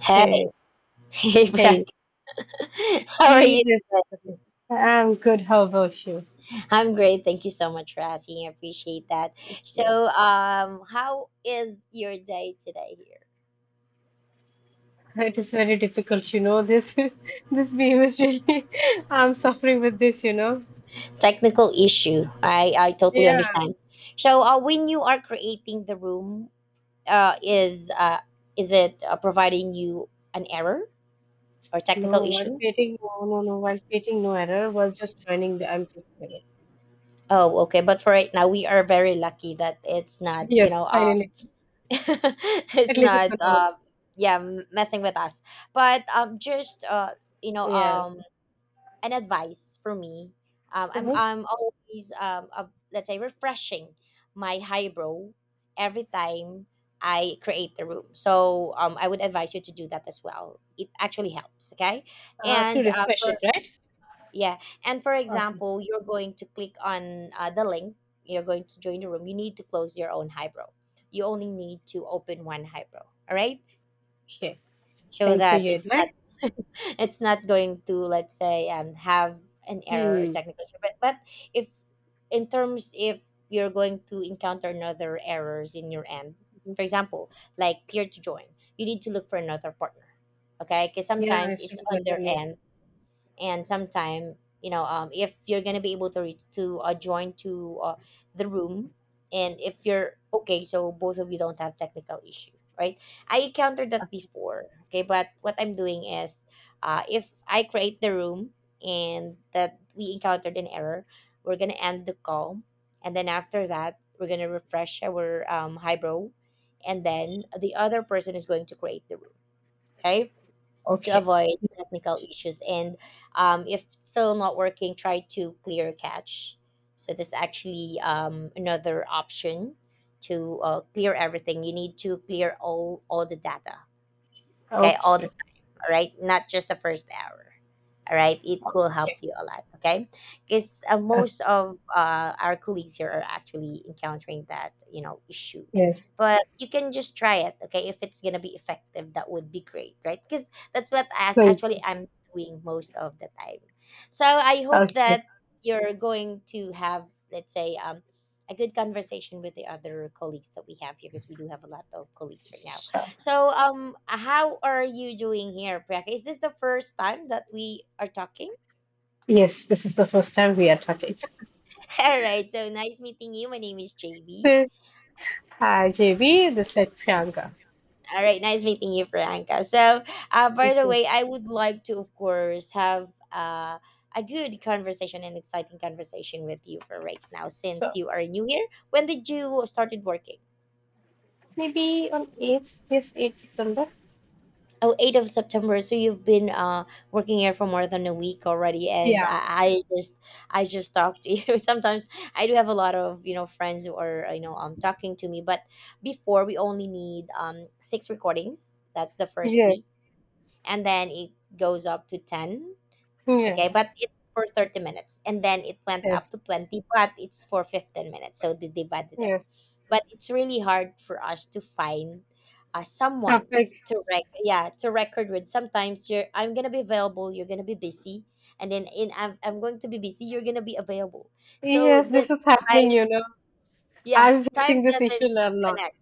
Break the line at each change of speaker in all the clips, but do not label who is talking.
Hey, hey,
Hey,
Brad. How are you
see this.
today?
Okay. I'm good. How about you?
I'm great. Thank you so much for asking. I appreciate that.
Thank
So,
you.
how is your day today here?
It is very difficult, you know. This this beam is really. I'm suffering with this, you know.
Technical issue. I totally
Yeah.
understand. So, when you are creating the room, uh, is uh, is it providing you an error or technical
No, while
issue?
creating, no, no, no. While creating no error, was just joining the. I'm just error.
Oh, okay. But for right now, we are very lucky that it's not. You
Yes,
know,
finally.
it's
At least it's
not,
gonna.
yeah, messing with us. But just you know
Yes.
um an advice for me. I'm
Uh-huh.
i'm always let's say refreshing my highbrow every time I create the room. So I would advise you to do that as well. It actually helps. Okay.
To
and
refresh it,
for
right?
Yeah. And for
Okay.
example, you're going to click on the link, you're going to join the room. You need to close your own highbrow. You only need to open one highbrow. All right.
Okay.
So
Thanks for
that
your
it's not
advice.
it's not going to, let's say, have an error or
Hmm.
technical issue. But if, in terms, if you're going to encounter another errors in your end, for example, like peer to join, you need to look for another partner. Okay, because
Yeah, I
sometimes
should
it's
have
on their
gotten it.
end, and sometime, you know, if you're gonna be able to reach to join to the room, and if you're okay, so both of you don't have technical issue, right? I encountered that before. Okay, but what I'm doing is, if I create the room and that we encountered an error, we're gonna end the call, and then after that we're gonna refresh our highbrow, and then the other person is going to create the room. Okay. To
Okay.
avoid technical issues. And if still not working, try to clear cache. So this actually another option to clear everything. You need to clear all the data. Okay, all the
Okay.
time. All right, not just the first hour. All right, it will help
Okay.
you a lot. Okay. Because uh, most
Okay.
of uh, our colleagues here are actually encountering that, you know, issue.
Yes.
But you can just try it. Okay, if it's gonna be effective, that would be great, right? Because that's what
Okay.
actually I'm doing most of the time. So I hope
Okay.
that you're going to have, let's say, a good conversation with the other colleagues that we have here, because we do have a lot of colleagues right now.
Sure.
So, how are you doing here, Priyanka? Is this the first time that we are talking?
Yes, this is the first time we are talking.
All right. So nice meeting you. My name is JB.
So, JB, this is Priyanka.
All right. Nice meeting you, Priyanka. So, by the
Okay.
way, I would like to, of course, have a good conversation and exciting conversation with you for right now since
So,
you are new here. When did you started working?
maybe on 8th, yes, 8th September.
Oh, 8th of September. So you've been working here for more than a week already, and
Yeah.
I just talked to you. Sometimes I do have a lot of, you know, friends who are, you know, talking to me, but before we only need six recordings. That's the first
Yes.
week, and then it goes up to 10. Okay,
Yeah.
but it's for 30 minutes, and then it went up
Yes.
to 20, but it's for 15 minutes. So they divided it,
Yes.
but it's really hard for us to find someone
Topics.
to yeah, to record with. Sometimes you're, I'm gonna be available, you're gonna be busy, and then I'm going to be busy, you're gonna be available. So
Yes, this
the
is
time,
happening, you know.
yeah,
I'm facing
time
this issue
doesn't
a lot.
connect.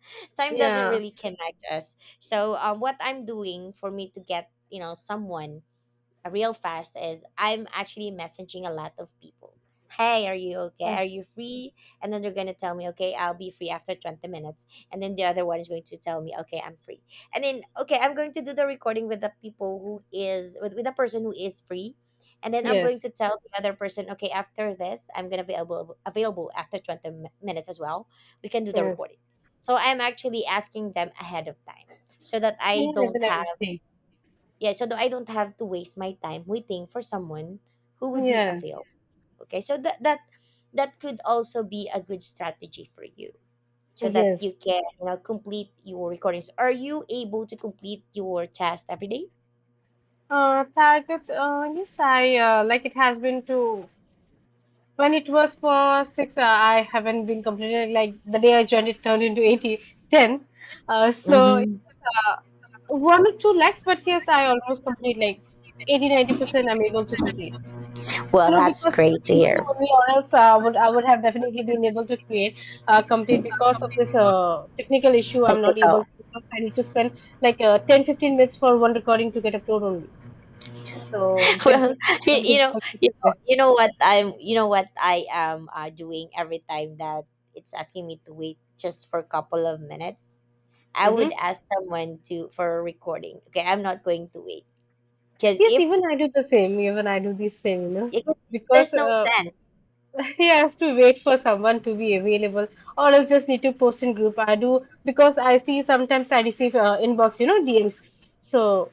Time doesn't
Yeah.
really connect us. So, what I'm doing for me to get, you know, someone real fast is, I'm actually messaging a lot of people. Hey, are you okay?
Uh,
Are you free? And then they're going to tell me, okay, I'll be free after 20 minutes. And then the other one is going to tell me, okay, I'm free. And then, okay, I'm going to do the recording with the people who is, with the person who is free. And then I'm going
Yes.
to tell the other person, okay, after this, I'm going to be available, available after 20 minutes as well. We can do the
Yes.
recording. So I'm actually asking them ahead of time, so that
Yeah,
I don't
even
have,
everything.
yeah, so that I don't have to waste my time waiting for someone who would be
Yes.
available. Okay, so that could also be a good strategy for you, so that you
Yes.
can, you know, complete your recordings. Are you able to complete your task every day?
Targets. Yes, I like. It has been to. When it was for six, I haven't been completed. Like the day I joined, it turned into eighty ten. 10. Uh, so
Mm-hmm.
uh, One or two lakhs, but yes, I almost complete like 80 90%. I'm able to complete. You
Well,
know,
that's
because of
great to
this issue
hear.
only, or else I would have definitely been able to create complete because of this technical issue. I'm not able
Technical.
to because I need to spend like 10 15 minutes for one recording to get upload only. So
Well,
basically,
you,
some
you know,
difficulties is
you know what you know what I am doing every time, that it's asking me to wait just for a couple of minutes, I would
there.
ask someone to for a recording. Okay, I'm not going to wait because
Yes,
if
even I do the same. Even I do the same, you know,
it,
because
there's no sense.
I have to wait for someone to be available, or else just need to post in group. I do because I see sometimes I receive inbox, you know, DMs. So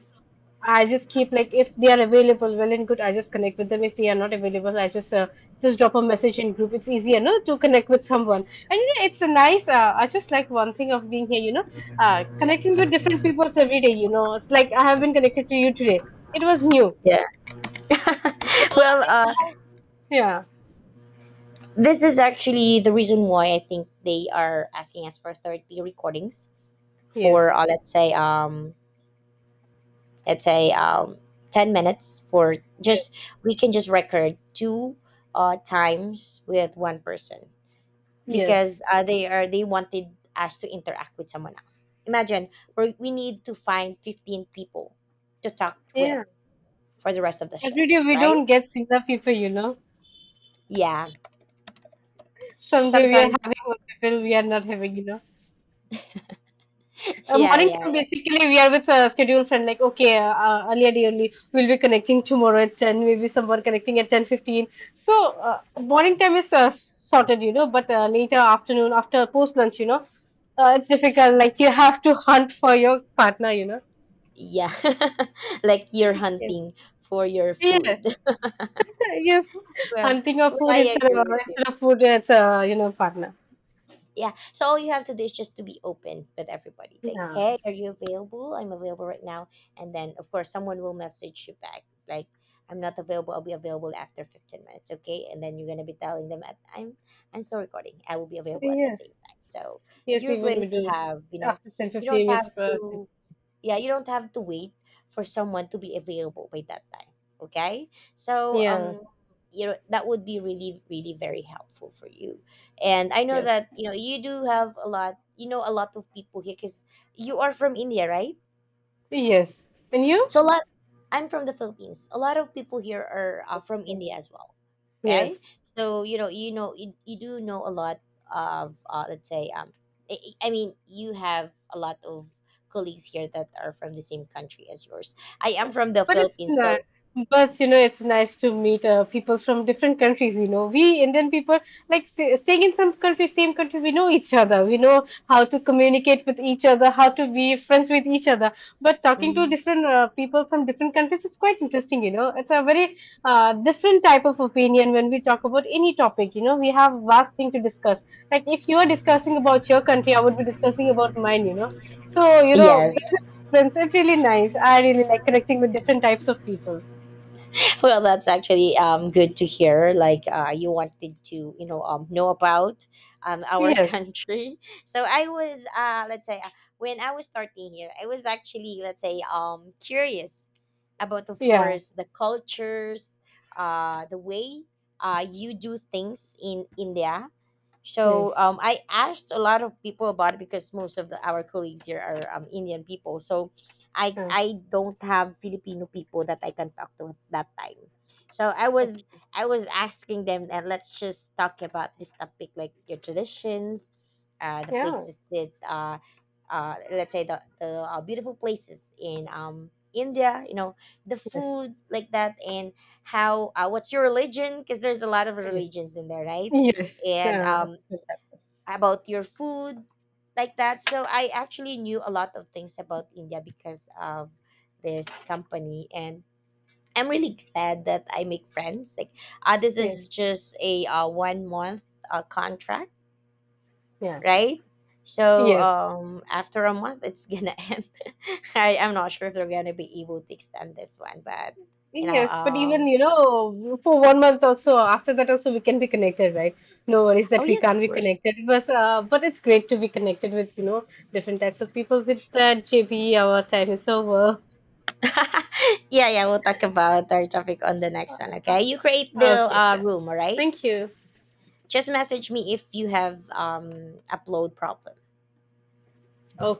I just keep like if they are available, well and good. I just connect with them. If they are not available, I just drop a message in group. It's easier, no, to connect with someone. And you know, it's a nice. I just like one thing of being here, you know, connecting with different peoples every day. You know, it's like I have been connected to you today. It was new.
Yeah.
Well,
Well,
yeah.
this is actually the reason why I think they are asking us for 30 recordings for,
Yes.
let's say, let's say um 10 minutes, for
Yes.
just we can just record two times with one person, because
Yes.
they wanted us to interact with someone else. Imagine we need to find 15 people to talk with
Yeah.
for the rest of the
Every day
shift,
we
right?
don't get enough people, you know.
Yeah.
Someday we are
Sometimes
having one people, we are not having, you know.
yeah,
Morning
yeah,
time basically we are with a scheduled friend like okay earlier day only we'll be connecting tomorrow at 10, maybe someone connecting at 10:15, so morning time is sorted, you know, but later afternoon after post lunch, you know, it's difficult, like you have to hunt for your partner, you know.
yeah. Like you're hunting for your
Yes.
food.
Yes,
Well,
hunting of food
I
instead
agree
of
with you.
food, it's a, you know, partner.
Yeah. So all you have to do is just to be open with everybody. Like,
Yeah.
hey, are you available? I'm available right now. And then of course someone will message you back. Like, I'm not available. I'll be available after 15 minutes. Okay. And then you're gonna be telling them at, I'm still recording. I will be available at the
Yes.
same time. So
Yes,
you're
even we
going to
do
have, you know,
after 10,
you
fifteen
don't
minutes.
have
Per-
to, yeah, you don't have to wait for someone to be available by that time. Okay. So,
Yeah.
you know, that would be really really very helpful for you, and I know
Yes.
that, you know, you do have a lot, you know, a lot of people here because you are from India, right?
Yes. And you?
So a lot. I'm from the Philippines. A lot of people here are from
Yeah.
India as well. Okay,
Yes.
so, you know, you, you do know a lot of, let's say, I, I mean, you have a lot of colleagues here that are from the same country as yours. I am from the
But it's
Philippines,
nice.
so
But you know, it's nice to meet people from different countries. You know, we Indian people like staying in some country, same country. We know each other. We know how to communicate with each other, how to be friends with each other. But talking to
mm,
different people from different countries, it's quite interesting. You know, it's a very different type of opinion when we talk about any topic. You know, we have vast thing to discuss. Like if you are discussing about your country, I would be discussing about mine. You know, so
yes,
friends are really nice. I really like connecting with different types of people.
well, that's actually good to hear. Like, you wanted to, you know, know about our
Yes.
country. So I was, let's say, when I was starting here, I was actually, let's say, curious about, of
Yeah.
course, the cultures, the way, you do things in India. So,
Yes.
I asked a lot of people about it because most of our colleagues here are Indian people. So I
Uh,
I don't have Filipino people that I can talk to at that time. So
okay.
I was asking them that, let's just talk about this topic, like your traditions, the
Yeah.
places that, let's say, the beautiful places in India, you know, the
Yes.
food, like that, and how, what's your religion? Because there's a lot of
Yes.
religions in there, right?
Yes.
And
Different types of.
about your food, like that. So I actually knew a lot of things about India because of this company, and I'm really glad that I make friends. Like, this
Yes.
is just a, 1 month contract,
Yeah.
right? So
Yes.
after a month it's gonna end. I'm not sure if they're gonna be able to extend this one, but you know,
Yes. But even, you know, for one month also, after that also, we can be connected, right? No worries
oh
that we
yes,
can't
of
be
course.
connected. But it's great to be connected with, you know, different types of people. With that, JB, our time is over.
Yeah, yeah. We'll talk about our topic on the next one. Okay. You create the
Okay, sure.
room. All right.
Thank you.
Just message me if you have upload problem.